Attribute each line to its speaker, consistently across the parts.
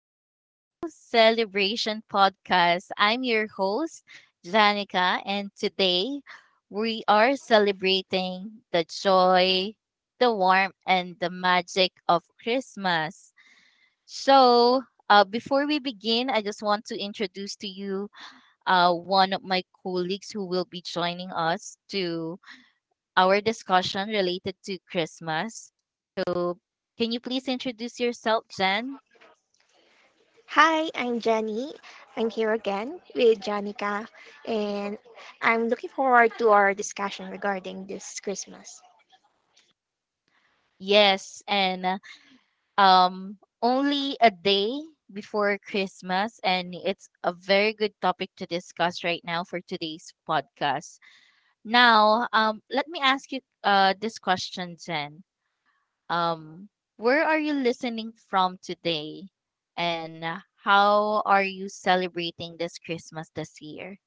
Speaker 1: welcome to Celebration Podcast. I'm your host, Janica, and today we are celebrating the joy, the warmth, and the magic of Christmas. So, Before we begin, I just want to introduce to you one of my colleagues who will be joining us to our discussion related to Christmas. So, can you please introduce yourself, Jen?
Speaker 2: Hi, I'm Jenny. I'm here again with Janica, and I'm looking forward to our discussion regarding this Christmas.
Speaker 1: Yes, and um only a day before Christmas, and it's a very good topic to discuss right now for today's podcast. Now, let me ask you this question, Zen. Um where are you listening from today, and how are you celebrating this Christmas this year?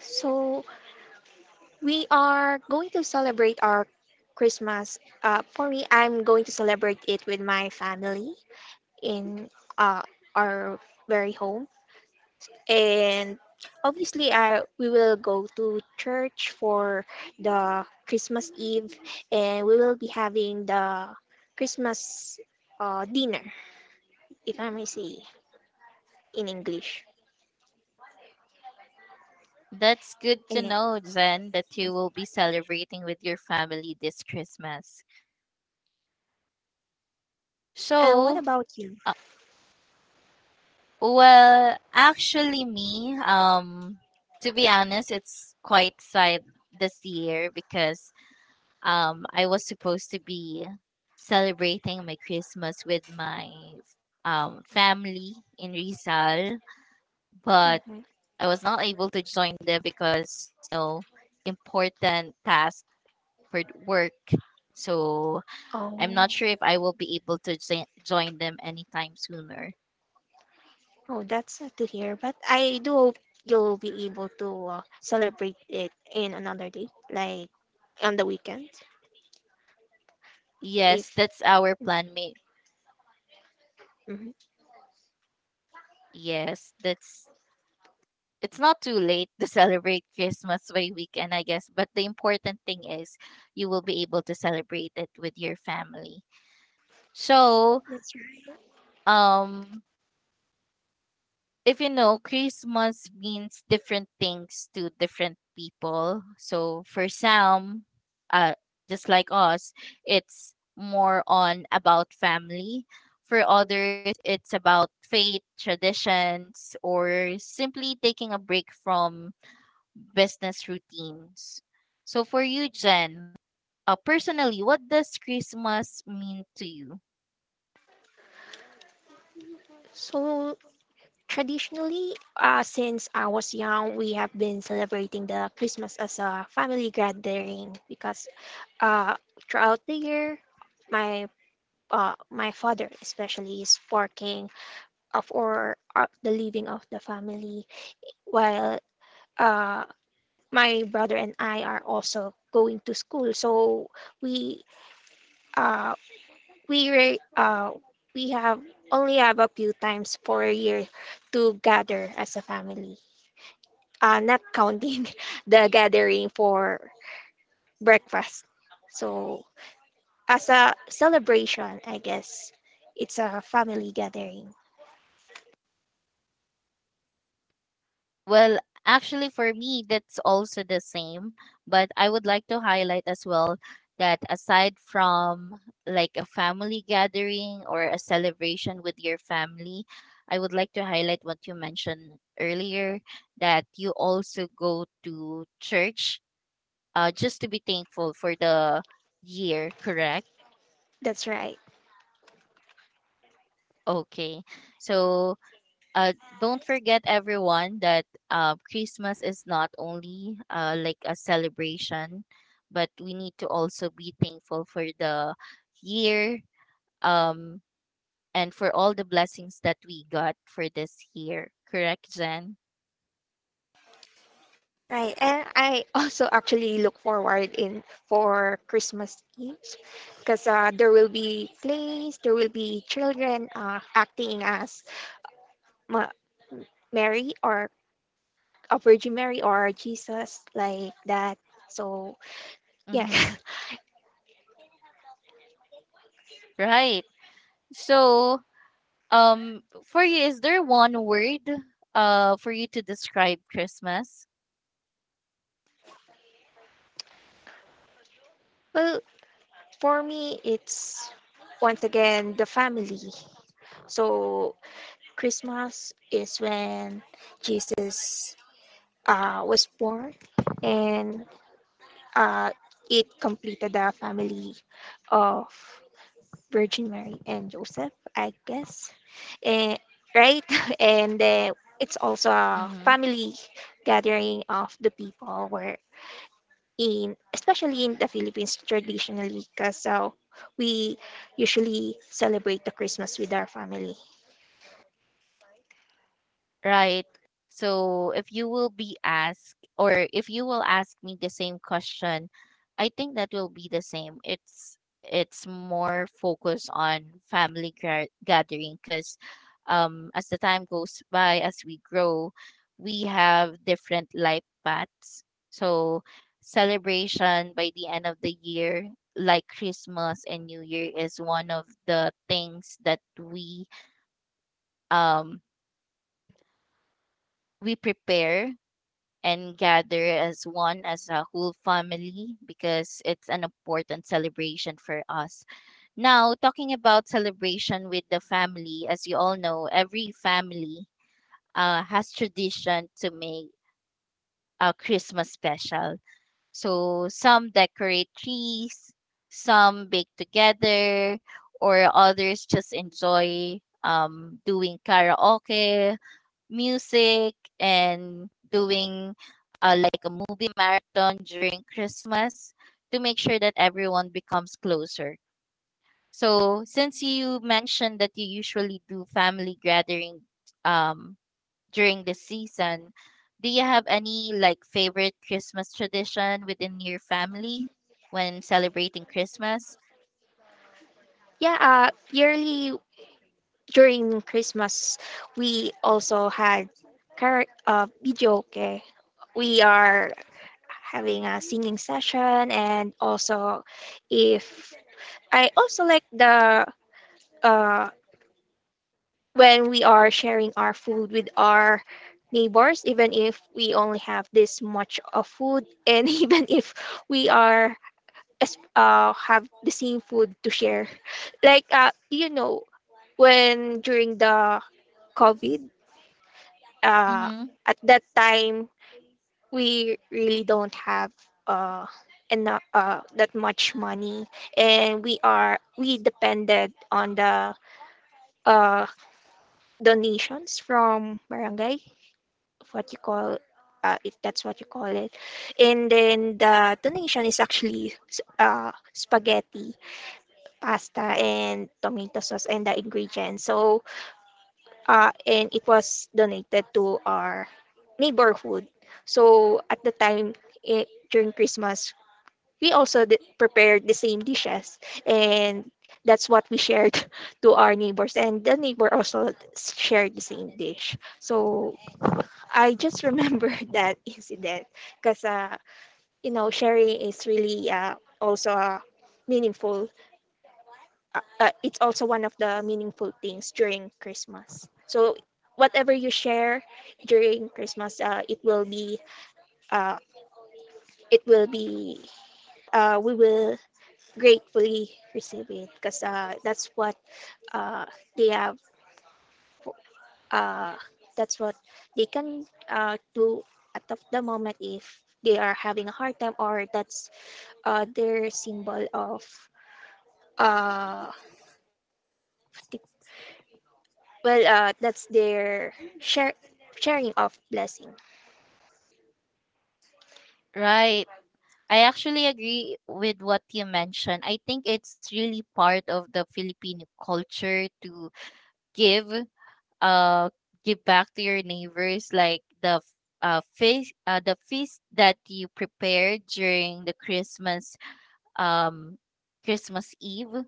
Speaker 2: So, we are going to celebrate our Christmas. For me, I'm going to celebrate it with my family in uh, our very home. And obviously I we will go to church for the Christmas Eve, and we will be having the Christmas dinner, if I may say in English.
Speaker 1: That's good to
Speaker 2: And,
Speaker 1: know, Zen, that you will be celebrating with your family this Christmas.
Speaker 2: and what
Speaker 1: So,
Speaker 2: about you?
Speaker 1: well, actually, me, to be honest, it's quite sad this year because I was supposed to be celebrating my Christmas with my family in Rizal, but
Speaker 2: Hmm.
Speaker 1: I was not able to join them because important task for work. So I'm not sure
Speaker 2: Oh,
Speaker 1: if I will be able to join them anytime sooner.
Speaker 2: oh, that's sad to hear. But I do hope you'll be able to celebrate it in another day, like on the weekend.
Speaker 1: Yes,
Speaker 2: If
Speaker 1: that's our plan. May-
Speaker 2: Mhm.
Speaker 1: yes, that's it's not too late to celebrate Christmas by weekend, I guess. But the important thing is you will be able to celebrate it with your family. So,
Speaker 2: That's right.
Speaker 1: um, if you know, Christmas means different things to different people. So for some, uh, just like us, it's more on about family. For others, it's about faith, traditions, or simply taking a break from business routines. So for you, Jen, personally, what does Christmas mean to you?
Speaker 2: So, traditionally, since I was young, we have been celebrating the Christmas as a family gathering, because uh, throughout the year, my my father especially is working of or the living of the family, while uh, my brother and I are also going to school. So, we uh, we re- we have only have a few times for a year to gather as a family, not counting the gathering for breakfast. So, as a celebration, I guess it's a family gathering.
Speaker 1: Well, actually, for me, that's also the same. But I would like to highlight as well that aside from like a family gathering or a celebration with your family, I would like to highlight what you mentioned earlier that you also go to church, just to be thankful for the year, correct?
Speaker 2: That's right.
Speaker 1: Okay. So, don't forget, everyone, that Christmas is not only like a celebration, but we need to also be thankful for the year, um, and for all the blessings that we got for this year. Correct, Jen?
Speaker 2: Right, and I also actually look forward in for Christmas Eve, because there will be plays, there will be children acting as Ma- Mary, or a Virgin Mary or Jesus, like that. So, yeah.
Speaker 1: Mm-hmm. Right. So, um, for you, is there one word for you to describe Christmas?
Speaker 2: Well, for me, it's once again the family. So, Christmas is when Jesus was born, and uh, it completed the family of Virgin Mary and Joseph, I guess. Eh, right? And it's also a
Speaker 1: Mm-hmm.
Speaker 2: family gathering of the people where in, especially in the Philippines, traditionally, because we usually celebrate the Christmas with our family.
Speaker 1: Right. So if you will be asked, or if you will ask me the same question, I think that will be the same. It's more focused on family gathering because as the time goes by, as we grow, we have different life paths. So celebration by the end of the year, like Christmas and New Year, is one of the things that um we prepare and gather as one, as a whole family, because it's an important celebration for us. Now, talking about celebration with the family, as you all know, every family has tradition to make a Christmas special. So some decorate trees, some bake together, or others just enjoy doing karaoke, music, and doing like a movie marathon during Christmas to make sure that everyone becomes closer. So, since you mentioned that you usually do family gathering um, during the season, do you have any like favorite Christmas tradition within your family when celebrating Christmas?
Speaker 2: Yeah, yearly during Christmas we also had video, okay. We are having a singing session, and also, if I also like the uh when we are sharing our food with our neighbors, even if we only have this much of food, and even if we have the same food to share. Like, when during the COVID, uh,
Speaker 1: Mm-hmm.
Speaker 2: at that time we really don't have uh enough that much money, and we depended on the uh donations from barangay, what you call, if that's what you call it. And then the donation is actually spaghetti, pasta, and tomato sauce, and the ingredients. So, and it was donated to our neighborhood. So, at the time, eh, during Christmas, we also prepared the same dishes, and that's what we shared to our neighbors. And the neighbor also shared the same dish. So, I just remember that incident, because, sharing is really, also, meaningful. It's also one of the meaningful things during Christmas. So, whatever you share during Christmas, uh, it will be, we will gratefully receive it, because that's what uh, they have. Uh, that's what they can do at of the moment, if they are having a hard time, or that's their symbol of uh tip- well, that's their share sharing of blessing.
Speaker 1: Right. I actually agree with what you mentioned. I think it's really part of the Filipino culture to give, uh, give back to your neighbors, like the fish, the feast that you prepared during the Christmas, um, Christmas Eve.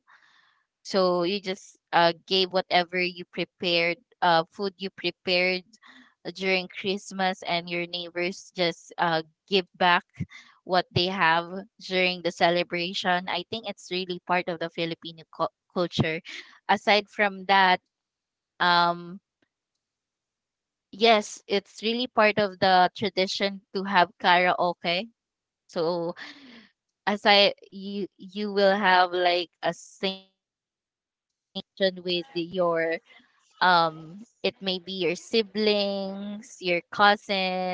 Speaker 1: So you just gave whatever you prepared, food you prepared during Christmas, and your neighbors just give back what they have during the celebration. I think it's really part of the Filipino culture. Aside from that, um, yes, it's really part of the tradition to have karaoke. So as I you you will have like a session with your it may be your siblings, your cousin,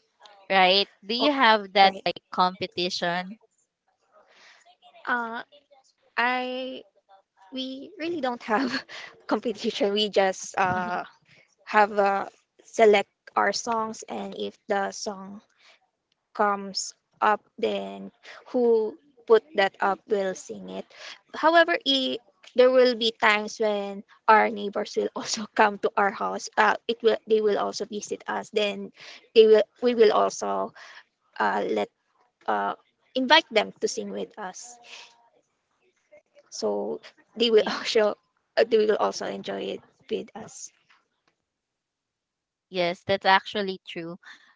Speaker 1: right? Do you have
Speaker 2: Oh,
Speaker 1: that like
Speaker 2: right.
Speaker 1: competition?
Speaker 2: uh I We really don't have competition. We just have, select our songs, and if the song comes up, then who put that up will sing it. However, I there will be times when our neighbors will also come to our house. It will They will also visit us, then they will we will also, let uh, invite them to sing with us. So, they will
Speaker 1: Y-
Speaker 2: also, they will also enjoy it with us.
Speaker 1: Yes, that's actually true.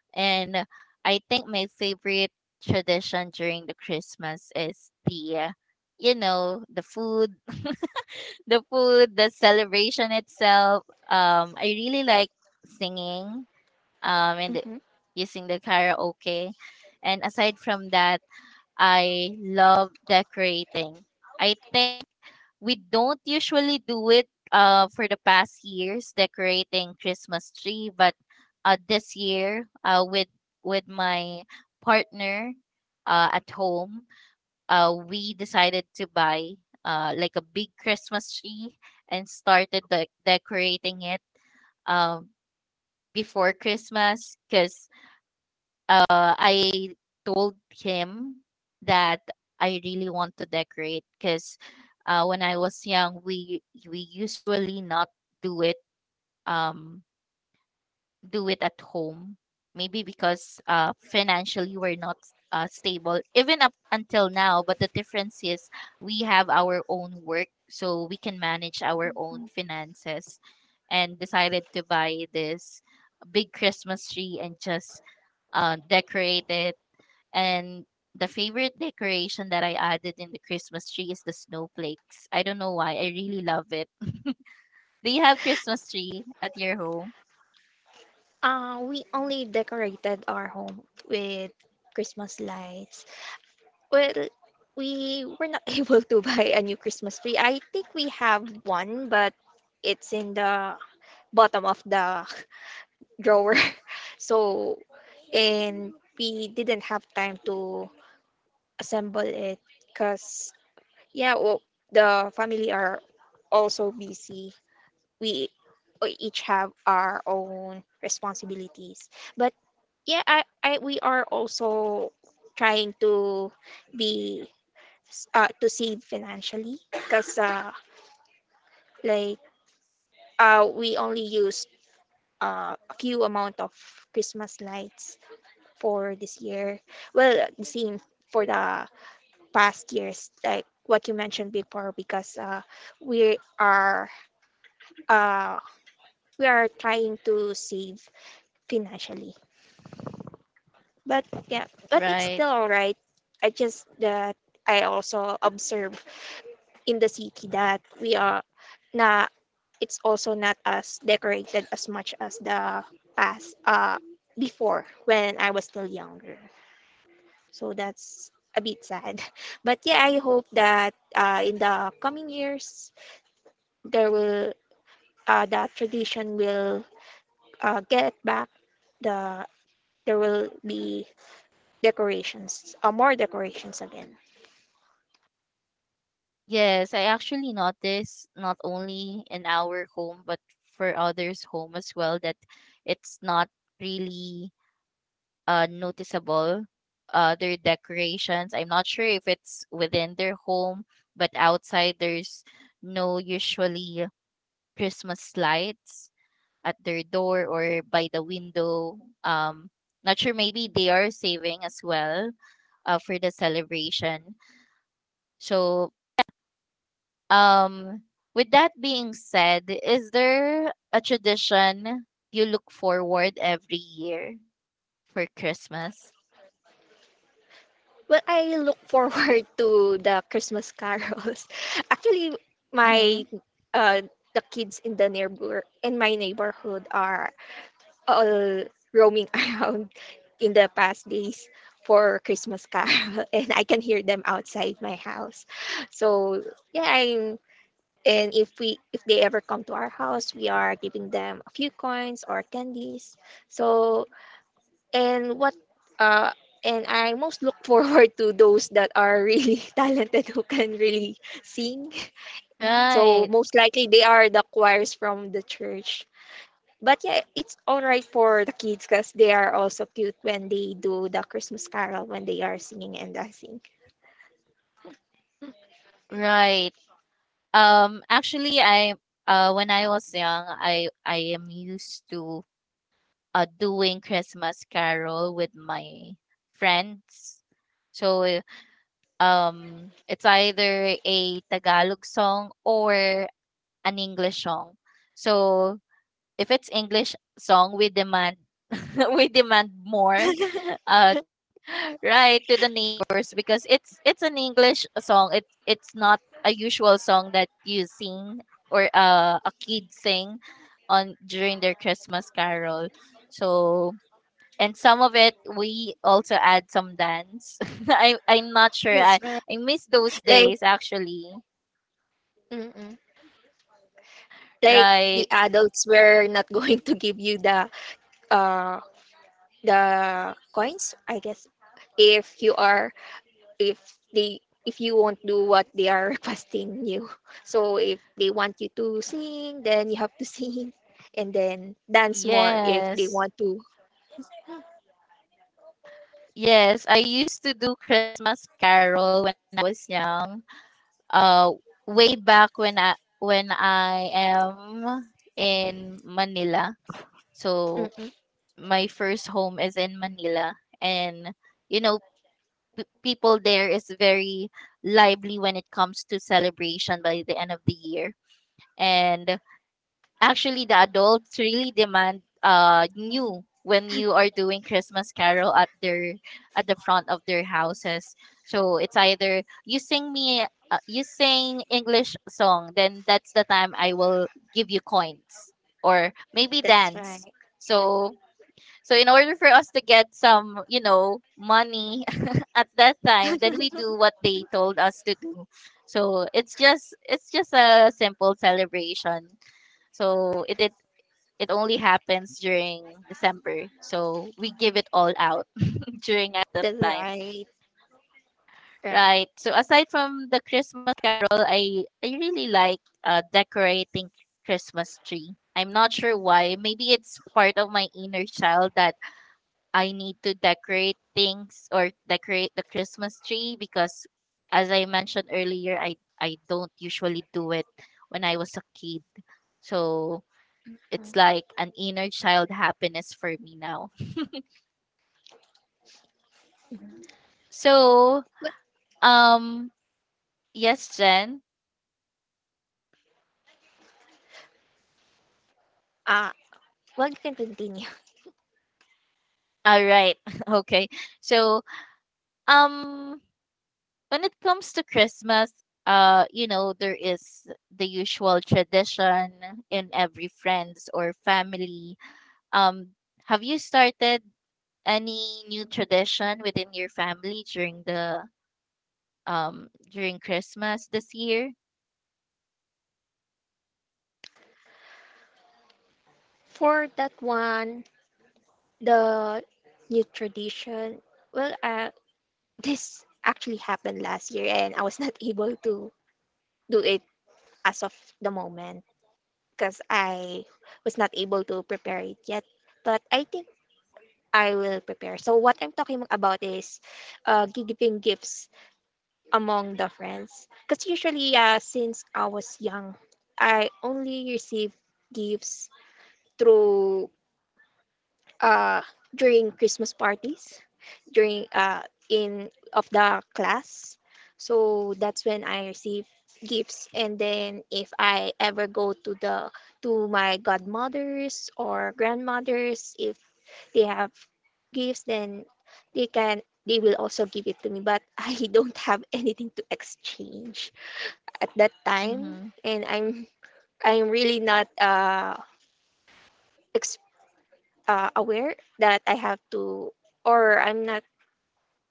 Speaker 1: And I think my favorite tradition during the Christmas is the, you know, the food. The food, the celebration itself. I really like singing, and
Speaker 2: Hmm.
Speaker 1: using the karaoke. And aside from that, I love decorating. I think we don't usually do it, for the past years, decorating Christmas tree, but this year with my partner at home, we decided to buy like a big Christmas tree and started decorating it um, before Christmas because uh, I told him that I really want to decorate because when I was young, we usually not do it. Um, do it at home. Maybe because financially we're not stable, even up until now. But the difference is we have our own work, so we can manage our own finances. And decided to buy this big Christmas tree and just decorate it. And the favorite decoration that I added in the Christmas tree is the snowflakes. I don't know why. I really love it. Do you have Christmas tree at your home?
Speaker 2: We only decorated our home with Christmas lights. Well, we were not able to buy a new Christmas tree. I think we have one, but it's in the bottom of the drawer. So, and we didn't have time to assemble it, because, yeah, well, the family are also busy. We we each have our own responsibilities, but yeah, I we are also trying be to save financially, because like, we only used a few amount of Christmas lights for this year. Well, the same for the past years, like what you mentioned before, because we are uh, we are trying to save financially. But yeah, but it's
Speaker 1: Right.
Speaker 2: still alright. I just that I also observe in the city that we are na it's also not as decorated as much as the past, before, when I was still younger. So, that's a bit sad. But yeah, I hope that, in the coming years, there will that tradition will get back. the there will be decorations, more decorations again.
Speaker 1: Yes, I actually noticed not only in our home but for others' home as well that it's not really noticeable their decorations. I'm not sure if it's within their home, but outside there's no usually Christmas lights at their door or by the window. Um, not sure maybe they are saving as well, for the celebration. So Um, with that being said, is there a tradition you look forward every year for Christmas?
Speaker 2: Well, I look forward to the Christmas carols. Actually,
Speaker 1: Mm-hmm.
Speaker 2: my uh, the kids in my neighborhood are all roaming around in the past days for Christmas carol, and I can hear them outside my house. So, yeah. I'm And if we if they ever come to our house, we are giving them a few coins or candies. So, and what uh and I most look forward to those that are really talented, who can really sing. So,
Speaker 1: Right,
Speaker 2: most likely they are the choirs from the church. But yeah, it's all right for the kids, because they are also cute when they do the Christmas carol, when they are singing and dancing.
Speaker 1: right. Actually, I when I was young, I am used to doing Christmas carol with my friends. So eh, it's either a Tagalog song or an English song. So if it's English song, we demand we demand more, uh, right, to the neighbors because it's an English song. It's not a usual song that you sing or a kid sing on during their Christmas carol. So and some of it we also add some dance. I'm not sure.
Speaker 2: That's right.
Speaker 1: I miss those
Speaker 2: Like,
Speaker 1: days actually.
Speaker 2: mm like, the
Speaker 1: Right.
Speaker 2: adults were not going to give you the uh coins, I guess, if you are if they if you won't do what they are requesting you. So, if they want you to sing, then you have to sing, and then dance more if they
Speaker 1: Yes.
Speaker 2: want to.
Speaker 1: Yes, I used to do Christmas carol when I was young. Uh, Way back when I am in Manila. So
Speaker 2: Mm-mm.
Speaker 1: my first home is in Manila, and you know people there is very lively when it comes to celebration by the end of the year. And actually, the adults really demand new when you are doing Christmas carol at their, at the front of their houses. So it's either you sing me, you sing English song, then that's the time I will give you coins or maybe
Speaker 2: That's right.
Speaker 1: dance. So so in order for us to get some, you know, money at that time, then we do what they told us to do. So it's just a simple celebration, so it only happens during December. So we give it all out during at that
Speaker 2: That's
Speaker 1: time.
Speaker 2: right.
Speaker 1: Right. So aside from the Christmas roll, I really like decorating Christmas tree. I'm not sure why. Maybe it's part of my inner child that I need to decorate things or decorate the Christmas tree because as I mentioned earlier, I don't usually do it when I was a kid. So it's like an inner child happiness for me now.
Speaker 2: Mhm.
Speaker 1: So,
Speaker 2: But,
Speaker 1: um, yes, Jen.
Speaker 2: uh, well, you can continue.
Speaker 1: All right. Okay. So, um, when it comes to Christmas, you know, there is the usual tradition in every friends or family. Um, have you started any new tradition within your family during the during Christmas this year?
Speaker 2: For that one, the new tradition, well, this actually happened last year, and I was not able to do it as of the moment, because I was not able to prepare it yet. But I think I will prepare. So, what I'm talking about is, giving gifts among the friends. Because usually, since I was young, I only received gifts through uh during Christmas parties, during in of the class. So, that's when I receive gifts, and then if I ever go to my godmothers or grandmothers, if they have gifts, then they will also give it to me, but I don't have anything to exchange at that time.
Speaker 1: Mhm.
Speaker 2: And I'm really not ex- aware that I have to, or I'm not,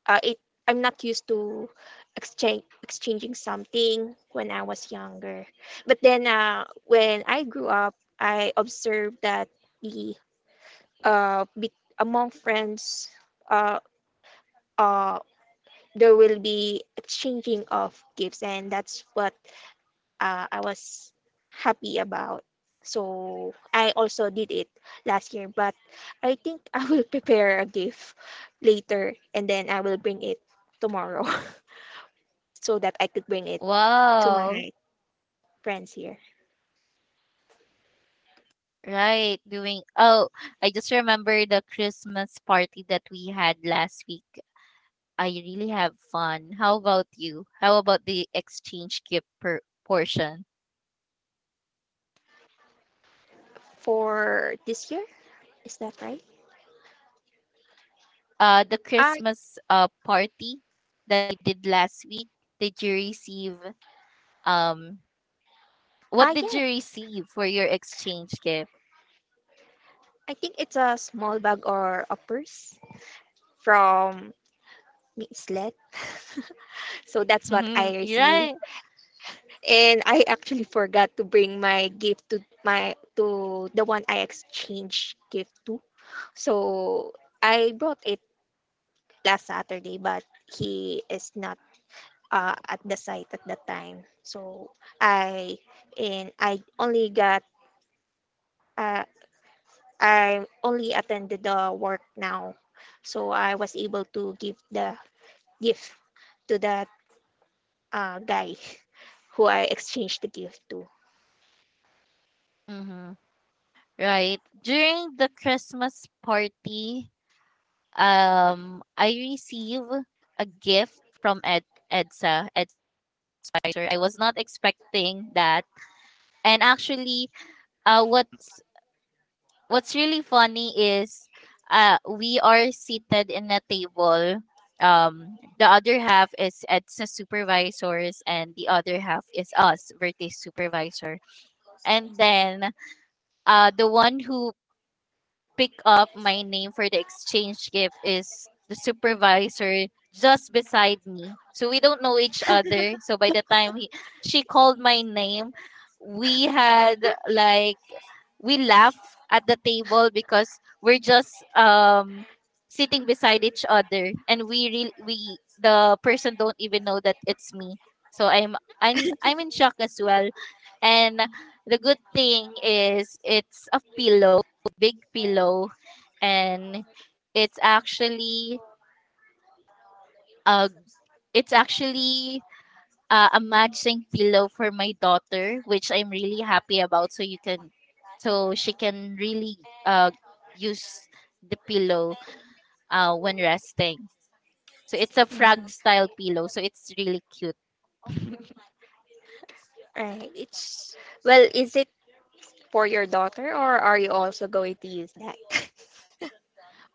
Speaker 2: it, I'm not used to exchange exchanging something when I was younger. But then, when I grew up, I observed that the uh, be- among friends, uh, uh, there will be exchanging of gifts, and that's what, I was happy about. So, I also did it last year, but I think I will prepare a gift later, and then I will bring it tomorrow, so that I could bring it to
Speaker 1: Wow.
Speaker 2: my friends here
Speaker 1: Right. I just remember the Christmas party that we had last week. I really have fun. How about you? How about the exchange gift per portion?
Speaker 2: for this year. Is that right?
Speaker 1: The
Speaker 2: Ah,
Speaker 1: Christmas party that we did last week, did you receive um what did
Speaker 2: yeah.
Speaker 1: you receive for your exchange gift?
Speaker 2: I think it's a small bag or a purse from Miss Let. So, that's what I received.
Speaker 1: Right.
Speaker 2: And I actually forgot to bring my gift to my to the one I exchanged gift to. So, I brought it last Saturday, but he is not, at the site at the time. So, I and I only got uh, I only attended the work now, so I was able to give the gift to that, guy who I exchanged the gift to.
Speaker 1: Mm-hmm. Right. During the Christmas party, I receive a gift from Ed EDSA, EDSA. I was not expecting that. And actually, uh what's what's really funny is we are seated in a table, the other half is EDSA supervisors and the other half is us Vertex supervisor, and then the one who picked up my name for the exchange gift is the supervisor just beside me, so we don't know each other. So by the time she called my name, we had like we laugh at the table because we're just sitting beside each other, and we really we the person don't even know that it's me. So I'm in shock as well. And the good thing is it's a pillow, big pillow. And it's actually uh it's actually a matching pillow for my daughter, which I'm really happy about. So you can, so she can really uh, use the pillow, when resting. So it's a frog
Speaker 2: Mhm.
Speaker 1: style pillow. So it's really cute.
Speaker 2: Right. It's
Speaker 1: S-
Speaker 2: Well, is it for your daughter, or are you also going to use that?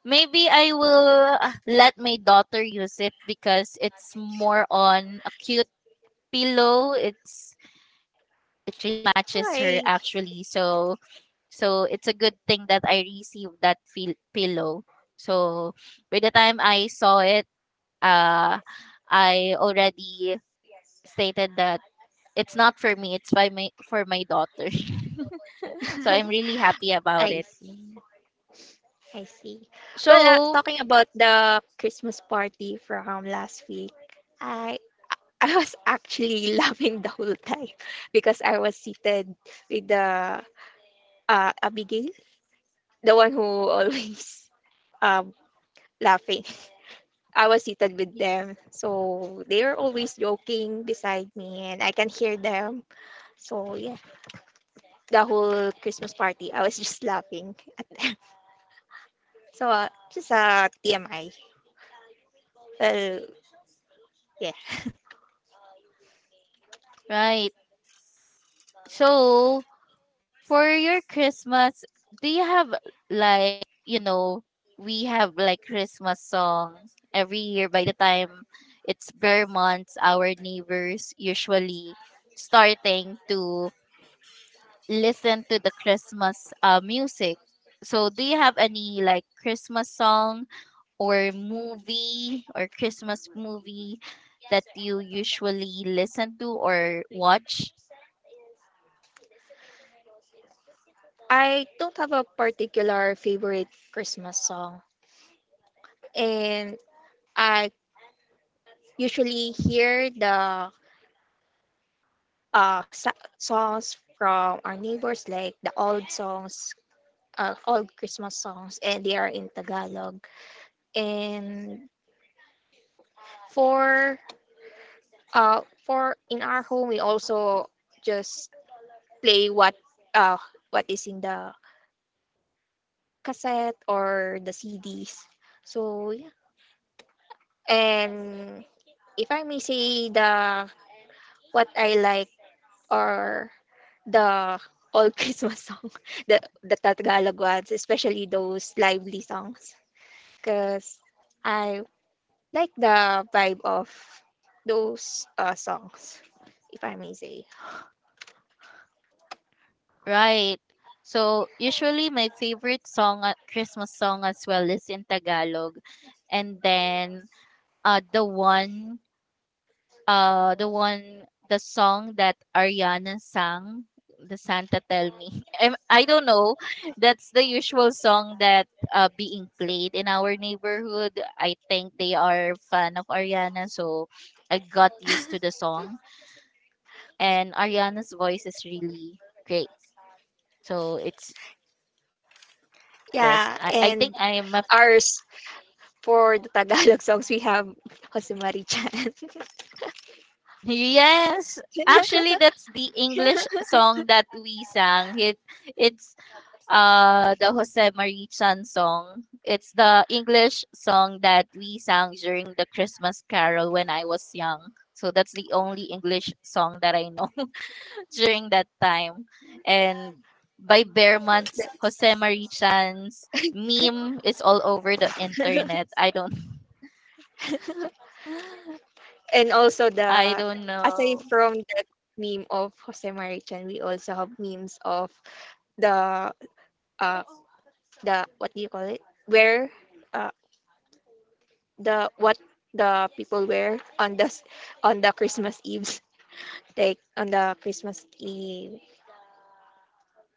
Speaker 1: Maybe I will let my daughter use it because it's more on a cute pillow. It really matches
Speaker 2: Why?
Speaker 1: her actually. So it's a good thing that I received that pillow. So by the time I saw it, uh I already stated that it's not for me, it's by my for my daughter. So I'm really happy about
Speaker 2: I
Speaker 1: it.
Speaker 2: see. I see. Well,
Speaker 1: So,
Speaker 2: talking about the Christmas party from last week, I I was actually laughing the whole time, because I was seated with the Abigail, the one who always um laughing. I was seated with them. So, they were always joking beside me, and I can hear them. So, yeah, the whole Christmas party, I was just laughing at them. So, just a TMI. Well, yeah.
Speaker 1: right. So, for your Christmas, do you have like, you know, we have like Christmas song every year by the time it's bare months, our neighbors usually starting to listen to the Christmas music. So do you have any like Christmas song or movie or Christmas movie that you usually listen to or watch?
Speaker 2: I don't have a particular favorite Christmas song. And I usually hear the, songs from our neighbors, like the old songs, old Christmas songs, and they are in Tagalog. And for for in our home, we also just play uh, what is in the cassette or the CDs. So, yeah, and if I may say the, what I like, or the old Christmas song, the Tagalog ones, especially those lively songs, because I like the vibe of those, songs, if I may say.
Speaker 1: Right. So, usually my favorite song, Christmas song as well is in Tagalog. And then uh the one the one, the song that Ariana sang, the Santa Tell Me. I don't know. That's the usual song that being played in our neighborhood. I think they are fan of Ariana, so I got used to the song, and Ariana's voice is really great. So, it's yes,
Speaker 2: Yeah,
Speaker 1: I
Speaker 2: and
Speaker 1: think I am a
Speaker 2: ours, for the Tagalog songs we have Jose Marichan.
Speaker 1: yes. Actually, that's the English song that we sang. It it's The Jose Marichan song. It's the English song that we sang during the Christmas carol when I was young. So that's the only English song that I know during that time. And by Bearman's, Jose Marichan's meme is all over the internet. I don't
Speaker 2: And also
Speaker 1: I
Speaker 2: the
Speaker 1: don't
Speaker 2: aside
Speaker 1: know.
Speaker 2: from that meme of Jose Marichan, we also have memes of the uh the what do you call it? Where, uh the what the people wear on on the Christmas Eves, like on the Christmas Eve,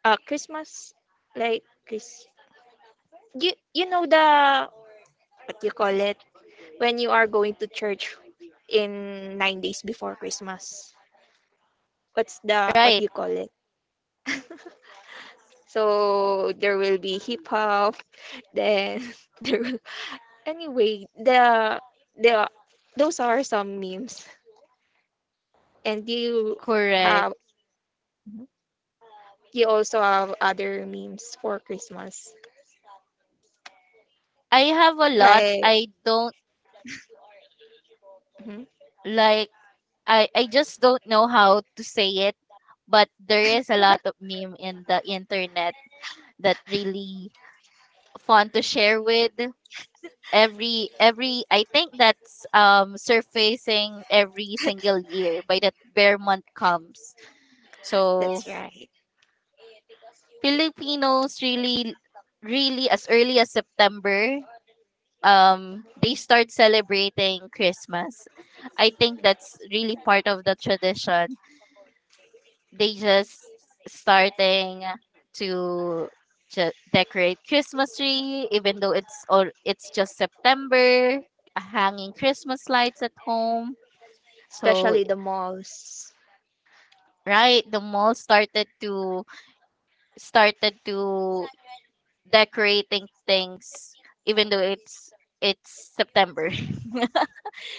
Speaker 2: Christmas, like Chris. You know the what do you call it, when you are going to church in 9 days before Christmas. What's the what do you
Speaker 1: Right,
Speaker 2: call it? So, there will be hip hop. Then there. will- anyway, the those are some memes, and
Speaker 1: correct.
Speaker 2: have you also have other memes for Christmas.
Speaker 1: I have a lot.
Speaker 2: Like mhm,
Speaker 1: Like I just don't know how to say it, but there is a lot of meme in the internet that really fun to share with every. I think that's surfacing every single year by that bear month comes. So
Speaker 2: that's right,
Speaker 1: Filipinos really, really as early as September, they start celebrating Christmas. I think that's really part of the tradition. They just starting to decorate Christmas tree even though it's, or it's just September, hanging Christmas lights at home. So
Speaker 2: especially the malls
Speaker 1: right, the mall started to started to decorating things even though it's September.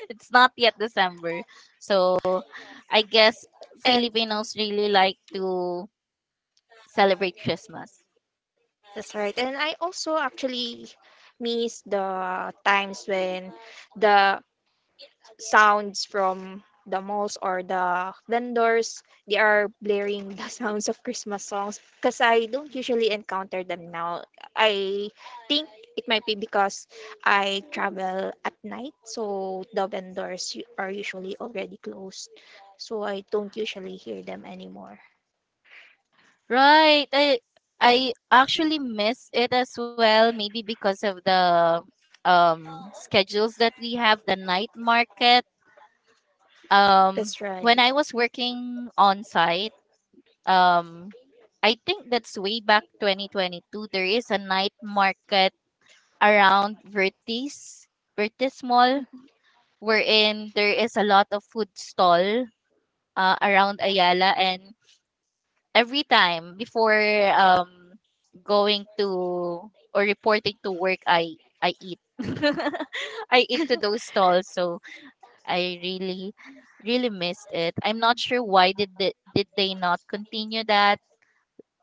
Speaker 1: It's not yet December. So I guess
Speaker 2: and.
Speaker 1: Filipinos really like to celebrate Christmas.
Speaker 2: That's right. And I also actually miss the times when the sounds from the malls or the vendors. They are blaring the sounds of Christmas songs, because I don't usually encounter them now. I think it might be because I travel at night, so the vendors are usually already closed. So, I don't usually hear them anymore.
Speaker 1: Right. I actually miss it as well, maybe because of the schedules that we have, the night market. Um
Speaker 2: That's
Speaker 1: when
Speaker 2: right.
Speaker 1: I was working on site, um I think that's way back 2022. There is a night market around Vertis, Vertis Mall,
Speaker 2: Mhm.
Speaker 1: wherein there is a lot of food stall around Ayala. And every time before um, going to or reporting to work, I eat. I eat to those stalls. So I really, really missed it. I'm not sure why did they not continue that,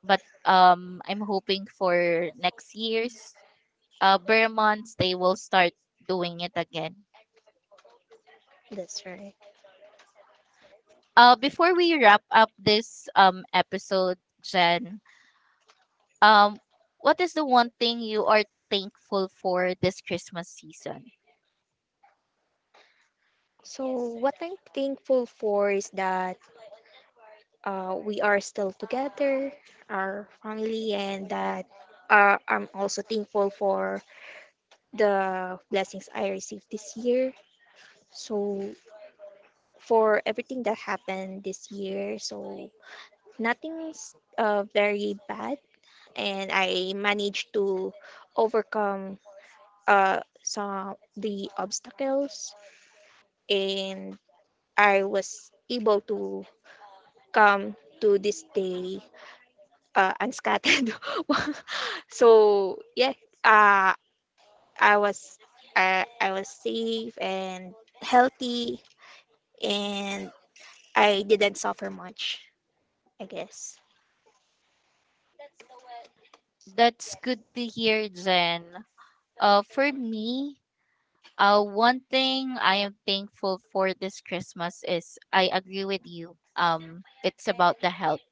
Speaker 1: but I'm hoping for next year's bare months they will start doing it again.
Speaker 2: That's right.
Speaker 1: Before we wrap up this episode, Jen, um what is the one thing you are thankful for this Christmas season?
Speaker 2: So, what I'm thankful for is that, we are still together, our family, and that, I'm also thankful for the blessings I received this year. So, for everything that happened this year, so nothing's, very bad, and I managed to overcome, some the obstacles, and I was able to come to this day, unscattered. So, yeah, uh, I was I was safe and healthy, and I didn't suffer much, I guess.
Speaker 1: That's good to hear, Jen. For me, one thing I am thankful for this Christmas is I agree with you. It's about the health.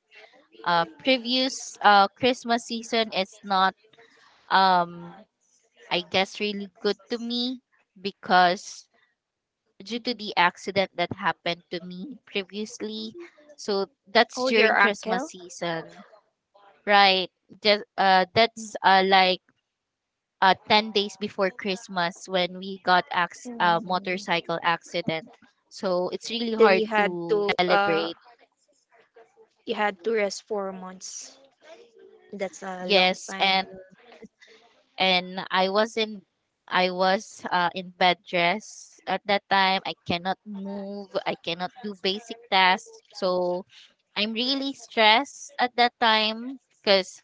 Speaker 1: Previous Christmas season is not um I guess really good to me because due to the accident that happened to me previously. So that's
Speaker 2: Oh, your
Speaker 1: during Christmas
Speaker 2: uncle.
Speaker 1: season, right? Just that's like 10 days before Christmas when we got
Speaker 2: Mm.
Speaker 1: motorcycle accident. So it's really
Speaker 2: Then you
Speaker 1: hard
Speaker 2: had
Speaker 1: to
Speaker 2: to uh
Speaker 1: celebrate.
Speaker 2: you had to rest 4 months. That's a long
Speaker 1: Yes,
Speaker 2: time.
Speaker 1: and and I was in I was in bed rest at that time. I cannot move. I cannot do basic tasks. So I'm really stressed at that time because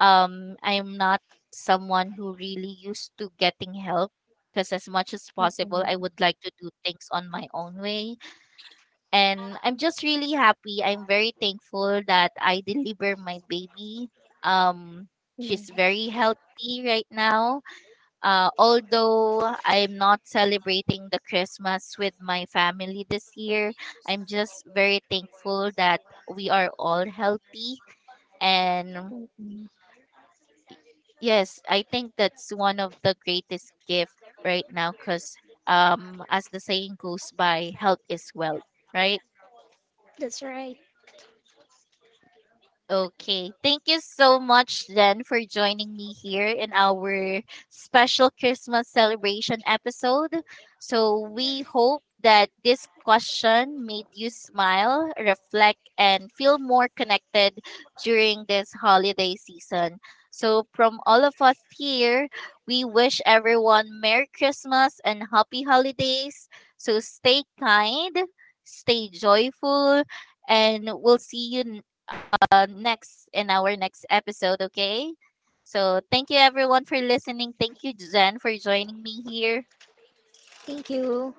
Speaker 1: I'm not someone who really used to getting help. Because as much as possible, I
Speaker 2: Mm.
Speaker 1: would like to do things on my own way. And I'm just really happy. I'm very thankful that I deliver my baby. Um,
Speaker 2: Mm.
Speaker 1: she's very healthy right now, although I'm not celebrating the Christmas with my family this year, I'm just very thankful that we are all healthy. And
Speaker 2: Mm.
Speaker 1: yes, I think that's one of the greatest gift right now because as the saying goes by, health is wealth, right?
Speaker 2: That's right.
Speaker 1: Okay. Thank you so much, Jen, for joining me here in our special Christmas celebration episode. So, we hope that this question made you smile, reflect, and feel more connected during this holiday season. So, from all of us here, we wish everyone Merry Christmas and Happy Holidays. So, stay kind, stay joyful, and we'll see you next in our next episode, okay? So thank you everyone for listening. Thank you, Jen, for joining me here.
Speaker 2: Thank you.